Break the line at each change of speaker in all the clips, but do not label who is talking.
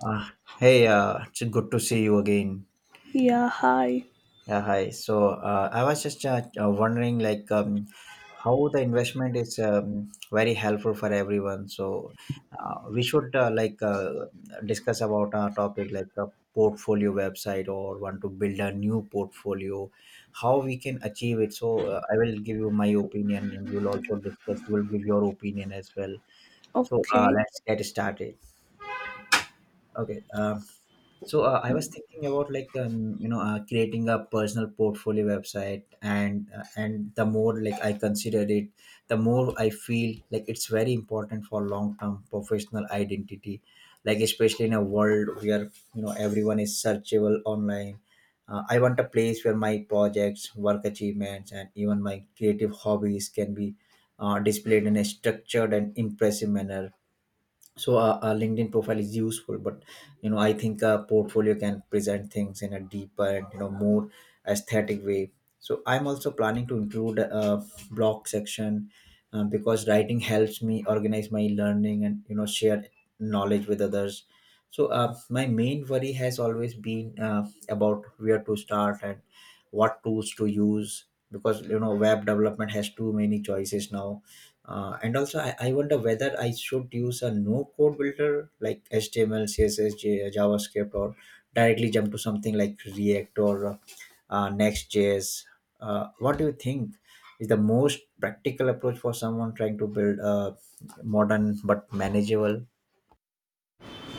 Uh, hey, it's good to see you again.
Yeah, hi.
Yeah, hi. So I was just wondering, like, how the investment is very helpful for everyone. So we should like discuss about our topic, like a portfolio website or want to build a new portfolio, how we can achieve it. So I will give you my opinion, and you will also discuss. You will give your opinion as well. So
Okay.
let's get started. Okay. So I was thinking about like creating a personal portfolio website, and the more like I consider it, the more I feel like it's very important for long term professional identity, like especially in a world where everyone is searchable online. I want a place where my projects, work achievements, and even my creative hobbies can be displayed in a structured and impressive manner. So a LinkedIn profile is useful, but I think a portfolio can present things in a deeper and more aesthetic way. So I'm also planning to include a blog section, because writing helps me organize my learning and share knowledge with others. So my main worry has always been about where to start and what tools to use, because web development has too many choices now. And also, I wonder whether I should use a no code builder like HTML, CSS, JavaScript, or directly jump to something like React or Next.js. What do you think is the most practical approach for someone trying to build a modern but manageable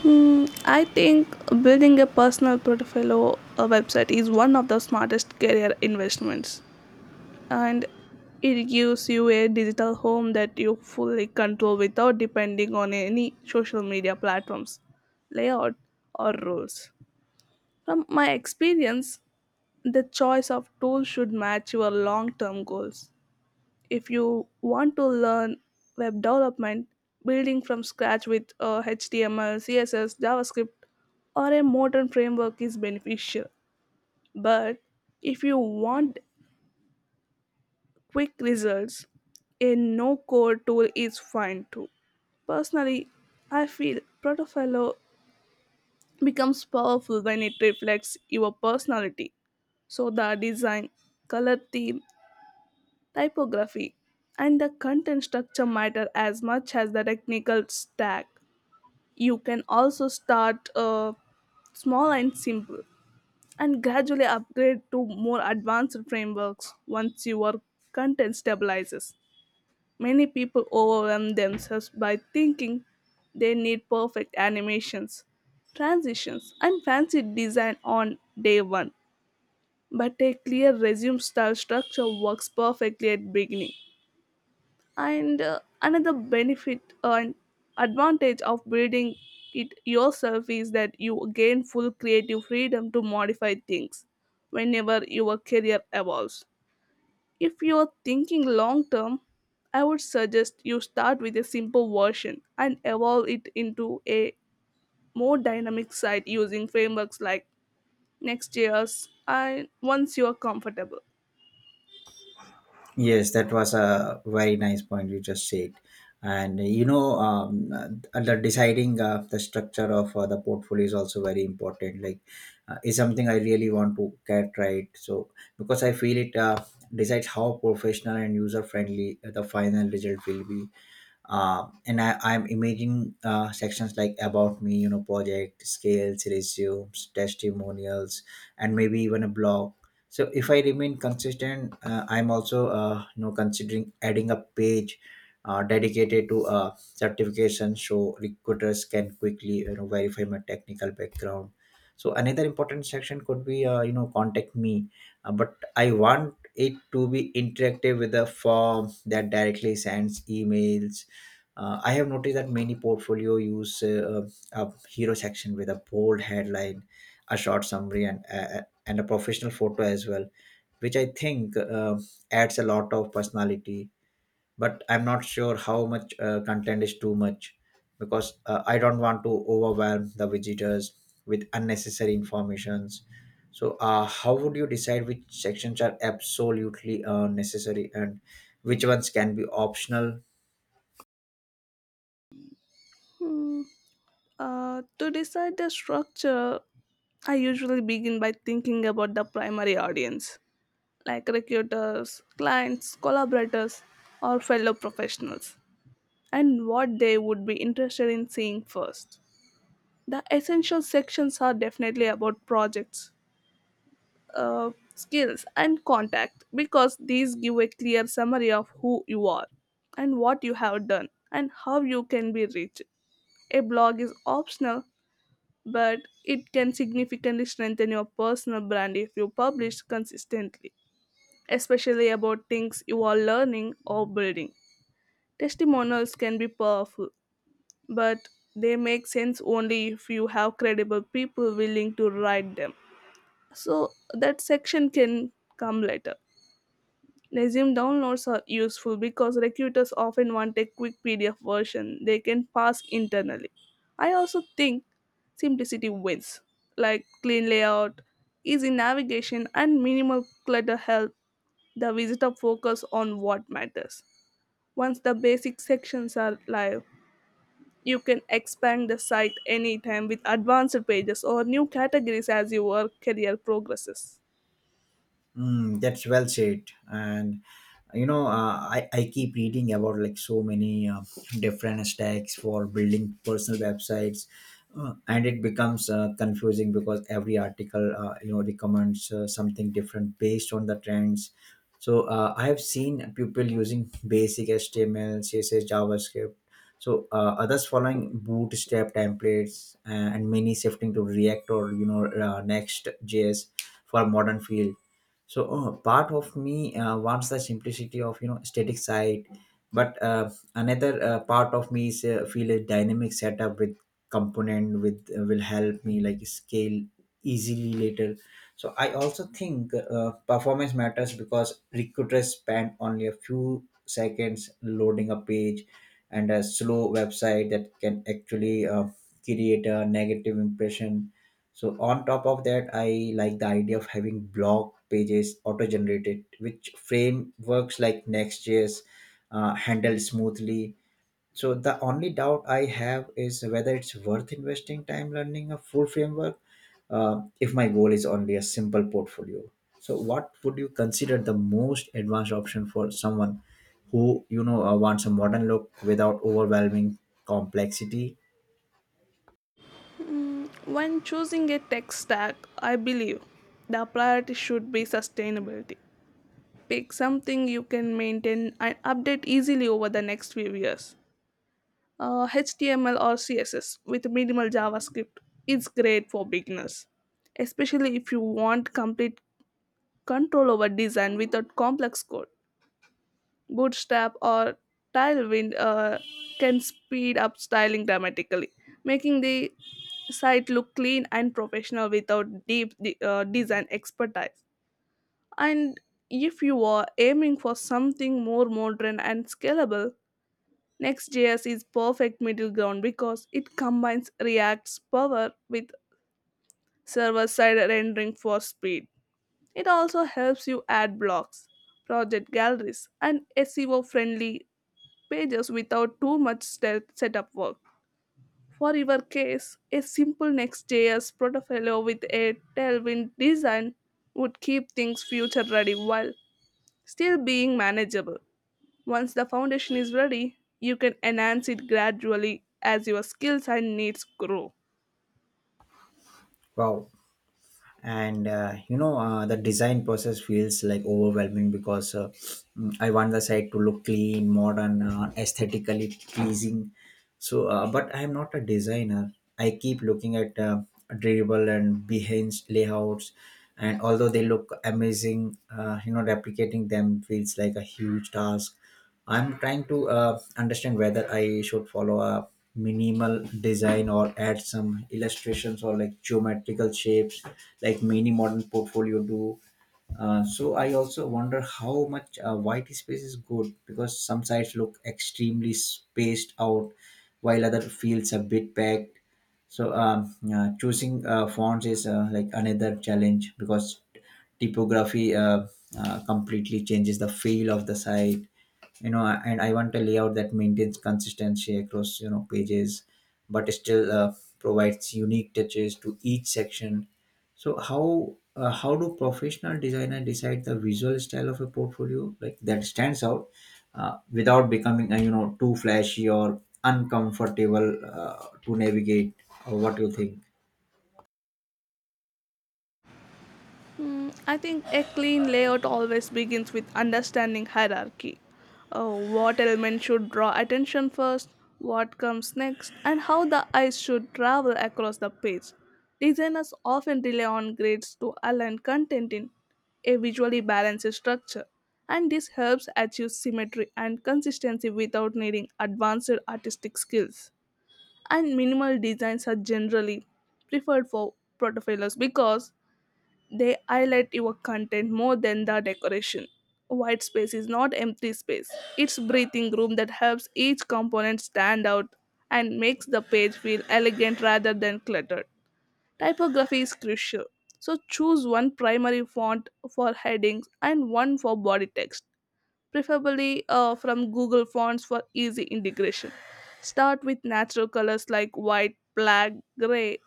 Hmm, I think building a personal portfolio or website is one of the smartest career investments. And it gives you a digital home that you fully control without depending on any social media platforms, layout, or rules. From my experience, the choice of tools should match your long term goals if you want to learn web development, building from scratch with HTML, CSS, JavaScript, or a modern framework is beneficial. But if you want quick results, a no code tool is fine too. Personally, I feel Protofilo becomes powerful when it reflects your personality. So the design, color theme, typography, and the content structure matter as much as the technical stack. You can also start small and simple and gradually upgrade to more advanced frameworks once your content stabilizes. Many people overwhelm themselves by thinking they need perfect animations, transitions, and fancy design on day one, but a clear resume style structure works perfectly at beginning. And another benefit and advantage of building it yourself is that you gain full creative freedom to modify things whenever your career evolves. If you're thinking long term, I would suggest you start with a simple version and evolve it into a more dynamic site using frameworks like nextjs, and once you are comfortable.
Yes, that was a very nice point you just said. And the deciding the structure of the portfolio is also very important. Like, is something I really want to get right. So, because I feel it decides how professional and user friendly the final result will be. And I'm imagining sections like about me, project, scales, resumes, testimonials, and maybe even a blog. So if I remain consistent, I'm also considering adding a page dedicated to certification, so recruiters can quickly verify my technical background. So another important section could be contact me, but I want it to be interactive with a form that directly sends emails. I have noticed that many portfolio use a hero section with a bold headline, a short summary, and a professional photo as well, which I think adds a lot of personality. But I'm not sure how much content is too much, because I don't want to overwhelm the visitors with unnecessary informations. So, how would you decide which sections are absolutely necessary and which ones can be optional
Hmm. To decide the structure, I usually begin by thinking about the primary audience, like recruiters, clients, collaborators, or fellow professionals, and what they would be interested in seeing first. The essential sections are definitely about projects, skills, and contact, because these give a clear summary of who you are and what you have done and how you can be reached. A blog is optional, but it can significantly strengthen your personal brand if you publish consistently, especially about things you are learning or building. Testimonials can be powerful, but they make sense only if you have credible people willing to write them. So that section can come later. Resume downloads are useful because recruiters often want a quick PDF version they can pass internally. I also think simplicity wins, like clean layout, easy navigation, and minimal clutter help the visitor focus on what matters. Once the basic sections are live, you can expand the site anytime with advanced pages or new categories as your career progresses.
That's well said. And I keep reading about like so many different stacks for building personal websites, and it becomes confusing, because every article recommends something different based on the trends. So I have seen people using basic HTML, CSS, JavaScript. So others following Bootstrap templates, and many shifting to React or Next.js for modern field. So part of me wants the simplicity of static site, but another part of me is feel a dynamic setup with component with will help me like scale easily later. So I also think performance matters, because recruiters spend only a few seconds loading a page, and a slow website that can actually create a negative impression. So on top of that I like the idea of having blog pages auto generated, which frameworks like nextjs handle smoothly. So the only doubt I have is whether it's worth investing time learning a full framework, if my goal is only a simple portfolio. So what would you consider the most advanced option for someone who wants a modern look without overwhelming complexity?
When choosing a tech stack, I believe the priority should be sustainability. Pick something you can maintain and update easily over the next few years. HTML or CSS with minimal JavaScript is great for beginners, especially if you want complete control over design without complex code. Bootstrap or tailwind can speed up styling dramatically, making the site look clean and professional without deep design expertise. And if you are aiming for something more modern and scalable, Next.js is perfect middle ground because it combines React's power with server-side rendering for speed. It also helps you add blocks, project galleries, and SEO-friendly pages without too much setup work. For your case, a simple Next.js portfolio with a tailwind design would keep things future ready while still being manageable. Once the foundation is ready, you can enhance it gradually as your skills and needs grow.
Wow, and the design process feels like overwhelming, because I want the site to look clean, modern, aesthetically pleasing. So but I am not a designer. I keep looking at dribble and Behance layouts, and although they look amazing, replicating them feels like a huge task. I'm trying to understand whether I should follow a minimal design or add some illustrations or like geometrical shapes, like many modern portfolio do. So I also wonder how much white space is good, because some sites look extremely spaced out, while other feels a bit packed. So yeah, choosing fonts is like another challenge, because typography completely changes the feel of the site. And I want a layout that maintains consistency across pages, but still provides unique touches to each section. So how do professional designer decide the visual style of a portfolio like that stands out, without becoming too flashy or uncomfortable to navigate, or what do you think?
Mm, I think a clean layout always begins with understanding hierarchy. What element should draw attention first, what comes next, and how the eyes should travel across the page. Designers often rely on grades to align content in a visually balanced structure, and this helps achieve symmetry and consistency without needing advanced artistic skills. And minimal designs are generally preferred for protofiles because they highlight your content more than the decoration. White space is not empty space. It's breathing room that helps each component stand out and makes the page feel elegant rather than cluttered. Typography is crucial. So choose one primary font for headings and one for body text, preferably from Google Fonts for easy integration. Start with natural colors like white, black, gray,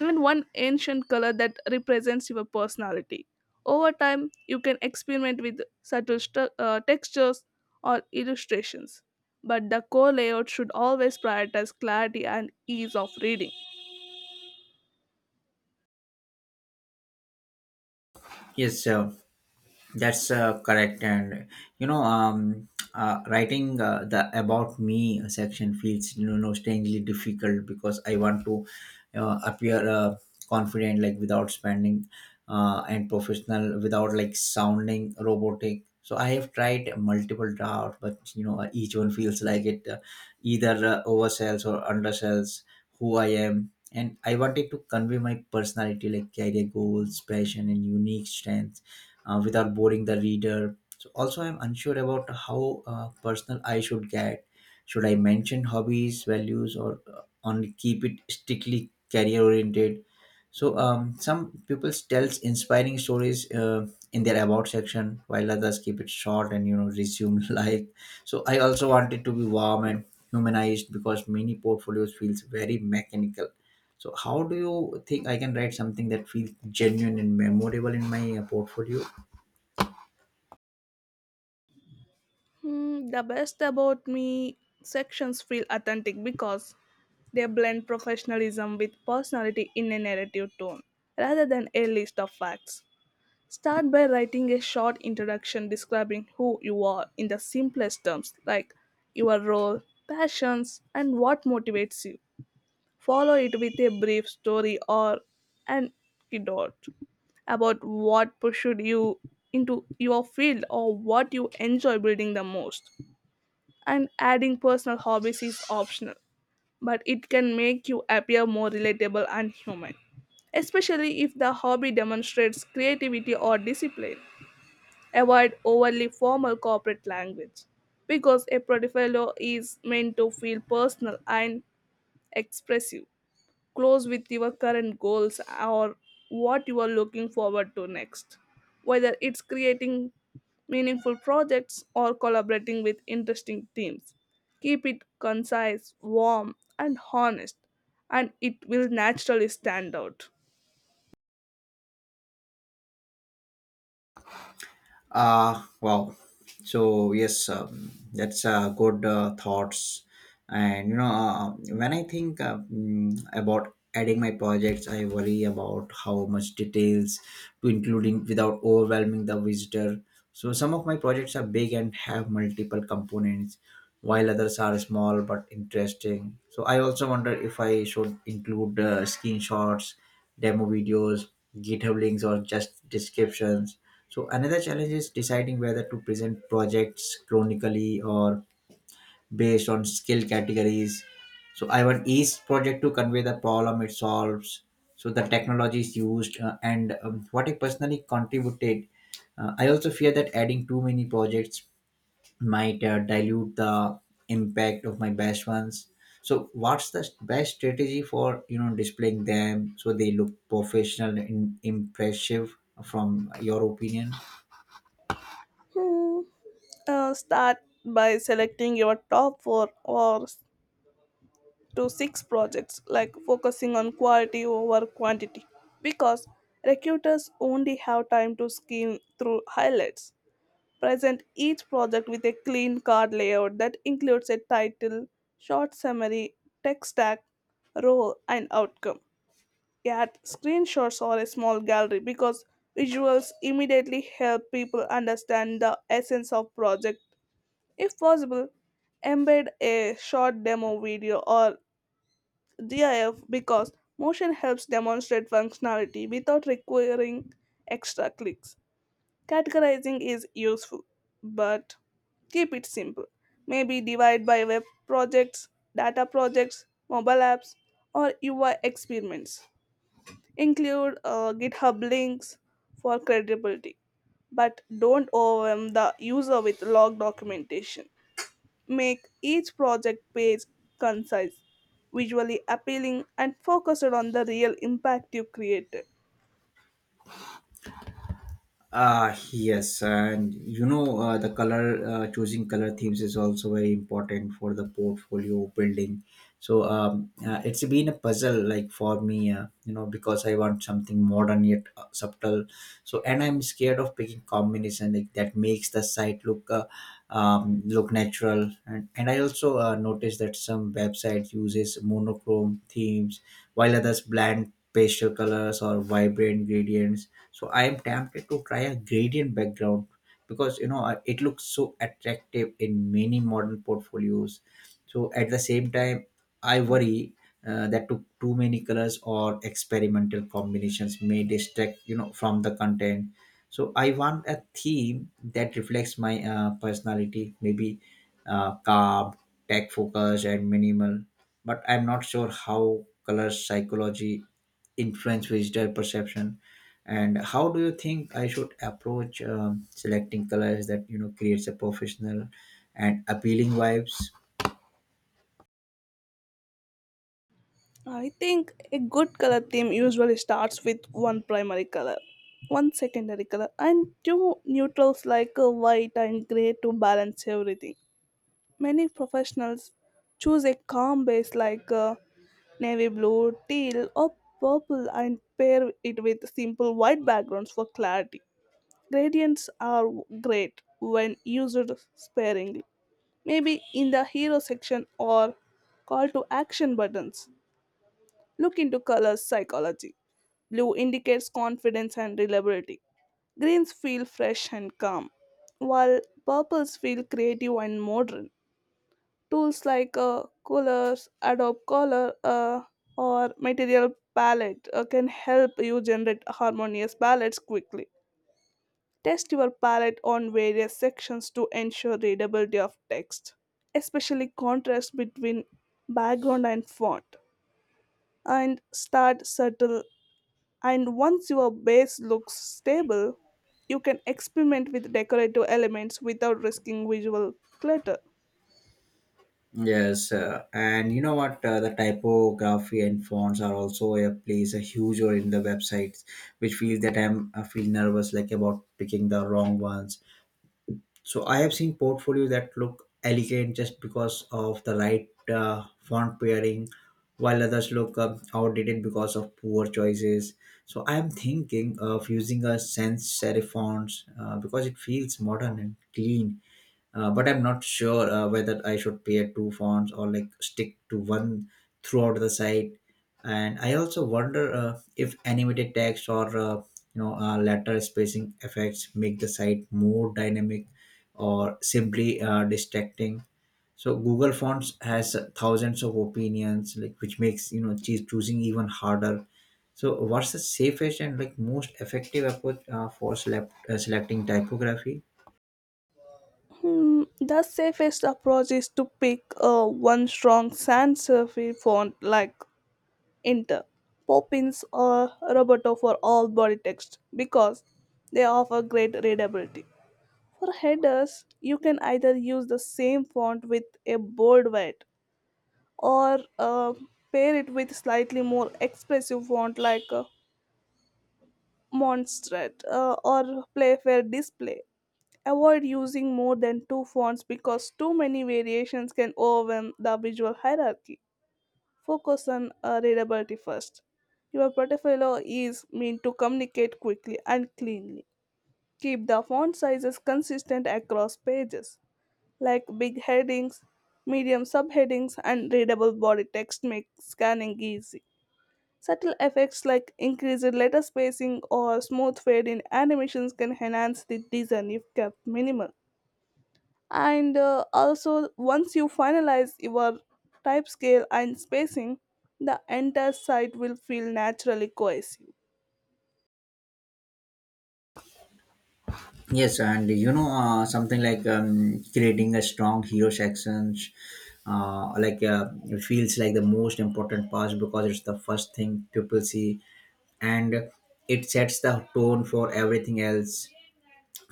and one ancient color that represents your personality. Over time, you can experiment with subtle textures or illustrations, but the core layout should always prioritize clarity and ease of reading.
Yes, sir. That's correct, and you know, um, writing the about me section feels strangely difficult, because I want to appear confident, like without spending, and professional, without like sounding robotic. So I have tried multiple drafts, but each one feels like it either oversells or undersells who I am. And I wanted to convey my personality, like career goals, passion, and unique strengths, without boring the reader. So also, I'm unsure about how personal I should get. Should I mention hobbies, values, or only keep it strictly career oriented? So some people tells inspiring stories in their about section, while others keep it short and resume life. So I also want it to be warm and humanized, because many portfolios feels very mechanical. So how do you think I can write something that feels genuine and memorable in my portfolio?
Hmm, the best about me sections feel authentic because they blend professionalism with personality in a narrative tone rather than a list of facts. Start by writing a short introduction describing who you are in the simplest terms, like your role, passions, and what motivates you. Follow it with a brief story or an anecdote about what pushed you into your field or what you enjoy building the most. And adding personal hobbies is optional, but it can make you appear more relatable and human, especially if the hobby demonstrates creativity or discipline. Avoid overly formal corporate language because a portfolio is meant to feel personal and expressive. Close with your current goals or what you are looking forward to next. Whether it's creating meaningful projects or collaborating with interesting teams, keep it concise, warm, and honest, and it will naturally stand out.
Wow. So yes, that's good thoughts. And when I think about adding my projects, I worry about how much details to including without overwhelming the visitor. So some of my projects are big and have multiple components, while others are small but interesting. So I also wonder if I should include screenshots, demo videos, GitHub links, or just descriptions. So another challenge is deciding whether to present projects chronically or based on skill categories. So I want each project to convey the problem it solves, so the technologies used, and what it personally contributed. I also fear that adding too many projects might dilute the impact of my best ones. So what's the best strategy for displaying them so they look professional and impressive, from your opinion?
Hmm. Start by selecting your top four or to six projects, like focusing on quality over quantity, because recruiters only have time to skim through highlights. Present each project with a clean card layout that includes a title, short summary, tech stack, role, and outcome. Add screenshots or a small gallery because visuals immediately help people understand the essence of project. If possible, embed a short demo video or GIF because motion helps demonstrate functionality without requiring extra clicks. Categorizing is useful, but keep it simple. Maybe divide by web projects, data projects, mobile apps, or UI experiments. Include GitHub links for credibility, but don't overwhelm the user with log documentation. Make each project page concise, visually appealing, and focused on the real impact you created.
Ah yes, and the color choosing color themes is also very important for the portfolio building. So, it's been a puzzle like for me, because I want something modern yet subtle. So, and I'm scared of picking combination like that makes the site look look natural. And I also noticed that some website uses monochrome themes, while others blend pastel colors or vibrant gradients, so I am tempted to try a gradient background, because it looks so attractive in many modern portfolios. So at the same time I worry that too many colors or experimental combinations may distract from the content. So I want a theme that reflects my personality, maybe calm, tech focused, and minimal. But I'm not sure how color psychology influence visitor perception. And how do you think I should approach, selecting colors that creates a professional and appealing vibes?
I think a good color theme usually starts with one primary color, one secondary color, and two neutrals like white and gray to balance everything. Many professionals choose a calm base like navy blue, teal, or purple, and pair it with simple white backgrounds for clarity. Gradients are great when used sparingly, maybe in the hero section or call to action buttons. Look into colors psychology. Blue indicates confidence and reliability. Greens feel fresh and calm, while purples feel creative and modern. Tools like colors, Adobe Color, or Material Palette can help you generate harmonious palettes quickly. Test your palette on various sections to ensure readability of text, especially contrast between background and font. And start subtle, and once your base looks stable, you can experiment with decorative elements without risking visual clutter.
Yes, and you know what? The typography and fonts are also a plays a huge role in the websites, which feels that I feel nervous like about picking the wrong ones. So I have seen portfolios that look elegant just because of the right font pairing, while others look outdated because of poor choices. So I am thinking of using a sans serif fonts, because it feels modern and clean, but I'm not sure whether I should pair two fonts or like stick to one throughout the site. And I also wonder if animated text or letter spacing effects make the site more dynamic or simply distracting. So Google Fonts has thousands of opinions, like which makes choosing even harder. So what's the safest and like most effective approach for selecting typography?
Hmm, the safest approach is to pick one strong sans serif font like Enter Poppins or Roberto for all body text because they offer great readability. For headers, you can either use the same font with a bold weight or pair it with slightly more expressive font like Monstrat or Playfair Display. Avoid using more than two fonts because too many variations can overwhelm the visual hierarchy. Focus on readability first. Your portfolio is meant to communicate quickly and cleanly. Keep the font sizes consistent across pages, like big headings, medium subheadings, and readable body text make scanning easy. Subtle effects like increased letter spacing or smooth fade in animations can enhance the design if kept minimal. And also, once you finalize your type scale and spacing, the entire site will feel naturally cohesive.
Yes, and something like creating a strong hero sections, it feels like the most important part because it's the first thing people see, and it sets the tone for everything else.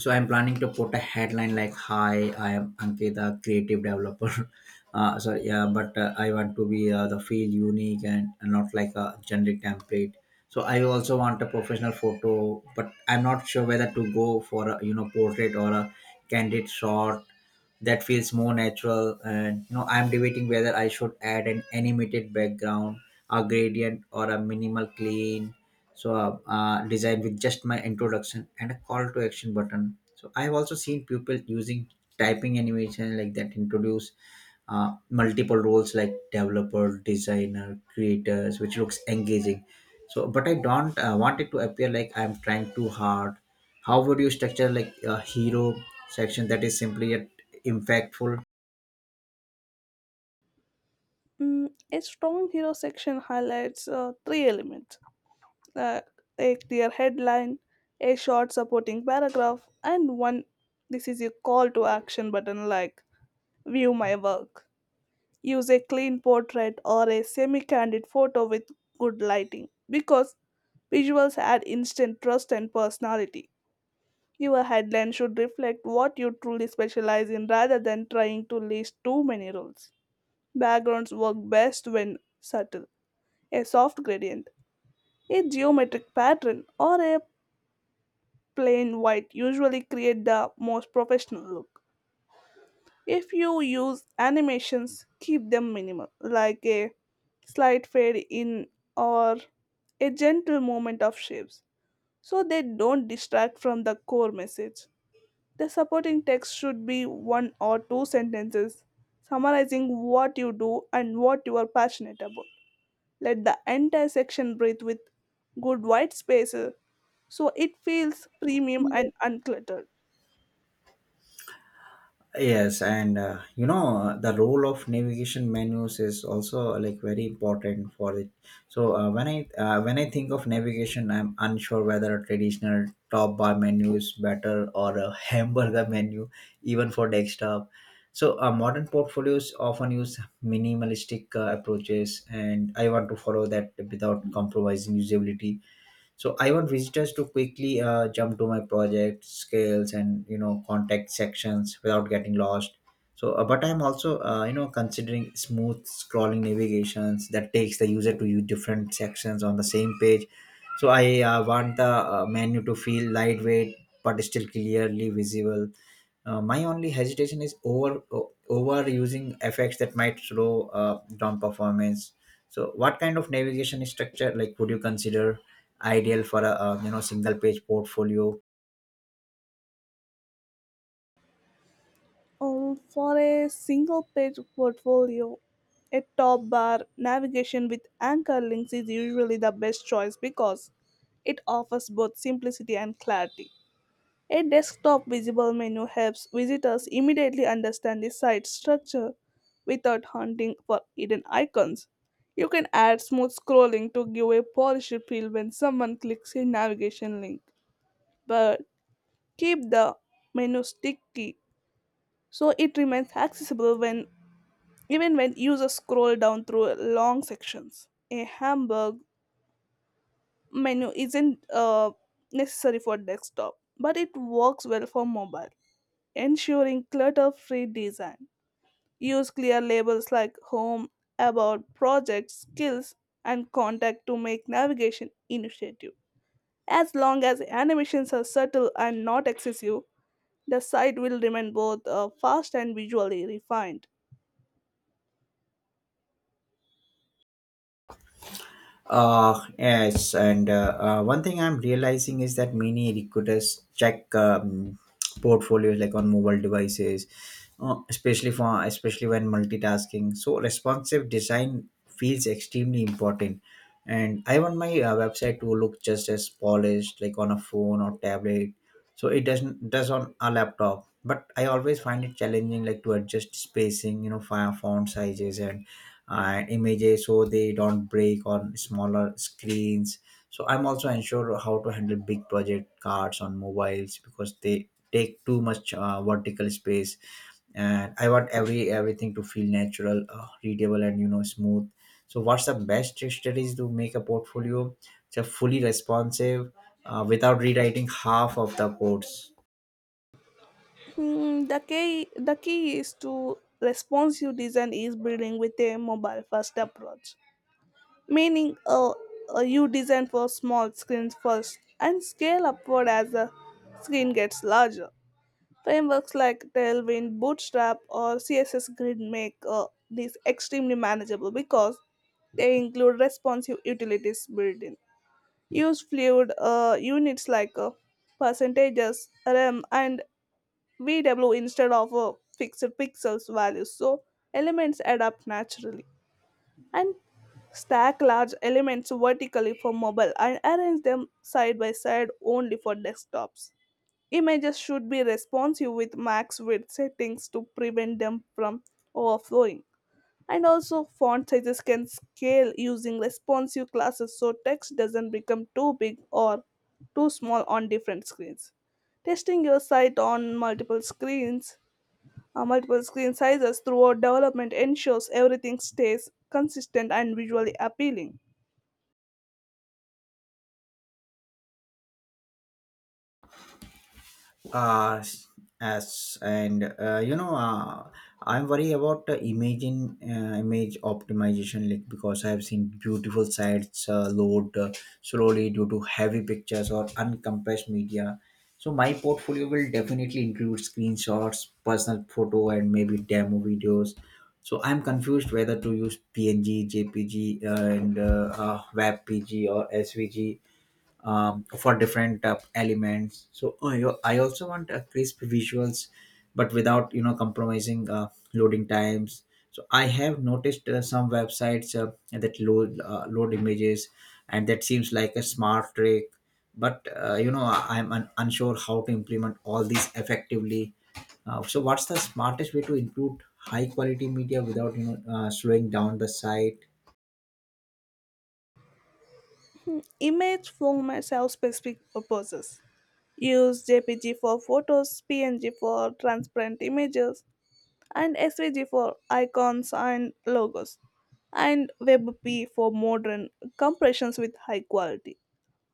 So I'm planning to put a headline like, hi, I am Ankit, the creative developer. So yeah, but I want to be the feel unique, and not like a generic template. So I also want a professional photo, but I'm not sure whether to go for a, portrait, or a candid shot that feels more natural. And I'm debating whether I should add an animated background, a gradient, or a minimal clean designed with just my introduction and a call to action button. So I have also seen people using typing animation like that introduce multiple roles like developer, designer, creators, which looks engaging. So but I don't want it to appear like I'm trying too hard. How would you structure like a hero section that is simply yet impactful?
Mm, a strong hero section highlights three elements: uh, a clear headline, a short supporting paragraph, and one this is a call to action button like view my work. Use a clean portrait or a semi-candid photo with good lighting because visuals add instant trust and personality. Your headline should reflect what you truly specialize in rather than trying to list too many roles. Backgrounds work best when subtle. A soft gradient, a geometric pattern, or a plain white usually create the most professional look. If you use animations, keep them minimal, like a slight fade in or a gentle movement of shapes, so they don't distract from the core message. The supporting text should be one or two sentences summarizing what you do and what you are passionate about. Let the entire section breathe with good white spaces so it feels premium and uncluttered.
Yes, and the role of navigation menus is also like very important for it. So when I think of navigation, I'm unsure whether a traditional top bar menu is better, or a hamburger menu, even for desktop. So modern portfolios often use minimalistic approaches, and I want to follow that without compromising usability. So I want visitors to quickly jump to my project scales and contact sections without getting lost. But I'm also, considering smooth scrolling navigations that takes the user to you different sections on the same page. So I want the menu to feel lightweight, but still clearly visible. My only hesitation is over overusing effects that might slow down performance. So, what kind of navigation structure like would you consider ideal for a, single page portfolio?
For a single page portfolio, a top bar navigation with anchor links is usually the best choice because it offers both simplicity and clarity. A desktop visible menu helps visitors immediately understand the site's structure without hunting for hidden icons. You can add smooth scrolling to give a polished feel when someone clicks a navigation link, but keep the menu sticky so it remains accessible when even when users scroll down through long sections. A hamburg menu isn't necessary for desktop, but it works well for mobile, ensuring clutter free design. Use clear labels like home, about, projects, skills, and contact to make navigation initiative. As long as animations are subtle and not excessive, the site will remain both fast and visually refined.
Yes, and one thing I'm realizing is that many recruiters check portfolios like on mobile devices, especially for, especially when multitasking. So responsive design feels extremely important, and I want my website to look just as polished like on a phone or tablet. So it doesn't does on a laptop, but I always find it challenging like to adjust spacing, you know, font sizes, and images, so they don't break on smaller screens. So I'm also unsure how to handle big project cards on mobiles, because they take too much vertical space, and I want everything to feel natural, readable, and smooth. So what's the best strategy to make a portfolio just fully responsive, without rewriting half of the codes?
Hmm, the key is to responsive design is building with a mobile first approach, meaning you design for small screens first and scale upward as the screen gets larger. Frameworks like Tailwind, Bootstrap, or CSS Grid make these extremely manageable because they include responsive utilities built in. Use fluid units like percentages, rem, and VW instead of fixed pixels values, so elements adapt naturally, and stack large elements vertically for mobile and arrange them side by side only for desktops. Images should be responsive with max width settings to prevent them from overflowing. And also, font sizes can scale using responsive classes so text doesn't become too big or too small on different screens. Testing your site on multiple screens, multiple screen sizes throughout development, ensures everything stays consistent and visually appealing.
uh as and, I'm worried about the imaging image optimization, like because I have seen beautiful sites load slowly due to heavy pictures or uncompressed media. So my portfolio will definitely include screenshots, personal photo, and maybe demo videos. So I'm confused whether to use png, jpg, and webpg, or svg, for different elements. So I also want crisp visuals, but without compromising loading times. So I have noticed some websites that load load images, and that seems like a smart trick. But I'm unsure how to implement all these effectively. So what's the smartest way to include high quality media without slowing down the site?
Image formats have specific purposes. Use JPG for photos, PNG for transparent images, and SVG for icons and logos, and WebP for modern compressions with high quality.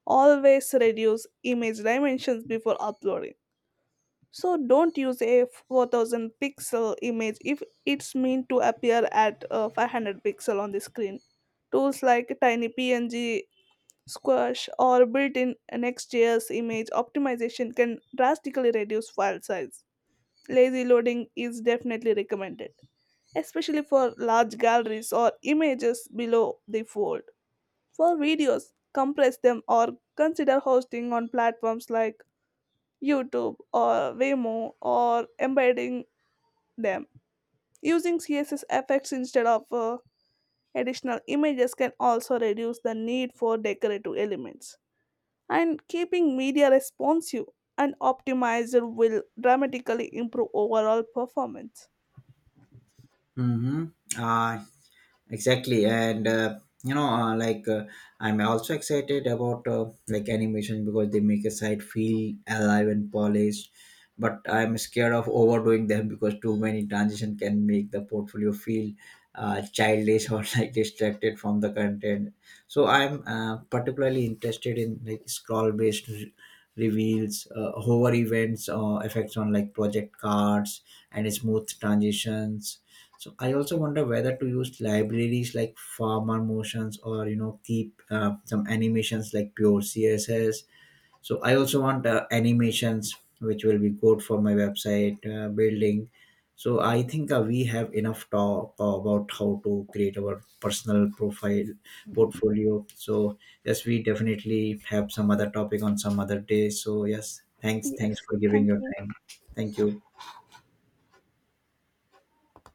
Always reduce image dimensions before uploading. So don't use a 4000 pixel image if it's meant to appear at 500 pixel on the screen. Tools like Tiny PNG, Squash, or built-in Next.js image optimization can drastically reduce file size. Lazy loading is definitely recommended, especially for large galleries or images below the fold. For videos, compress them or consider hosting on platforms like YouTube or Vimeo or embedding them. Using CSS effects instead of additional images can also reduce the need for decorative elements. And keeping media responsive and optimized will dramatically improve overall performance.
Mm-hmm. Exactly. And you know uh, like uh, I'm also excited about animation, because they make a site feel alive and polished, but I'm scared of overdoing them because too many transition can make the portfolio feel childish, or like distracted from the content. So I'm particularly interested in like scroll based reveals, hover events effects on like project cards, and smooth transitions. So I also wonder whether to use libraries like Farmer Motions, or keep some animations like pure CSS. So I also want animations which will be good for my website building. So I think we have enough talk about how to create our personal profile portfolio. So yes, we definitely have some other topic on some other day. So yes, thanks, thanks
Yes,
for giving
thank
your
you.
time. Thank you.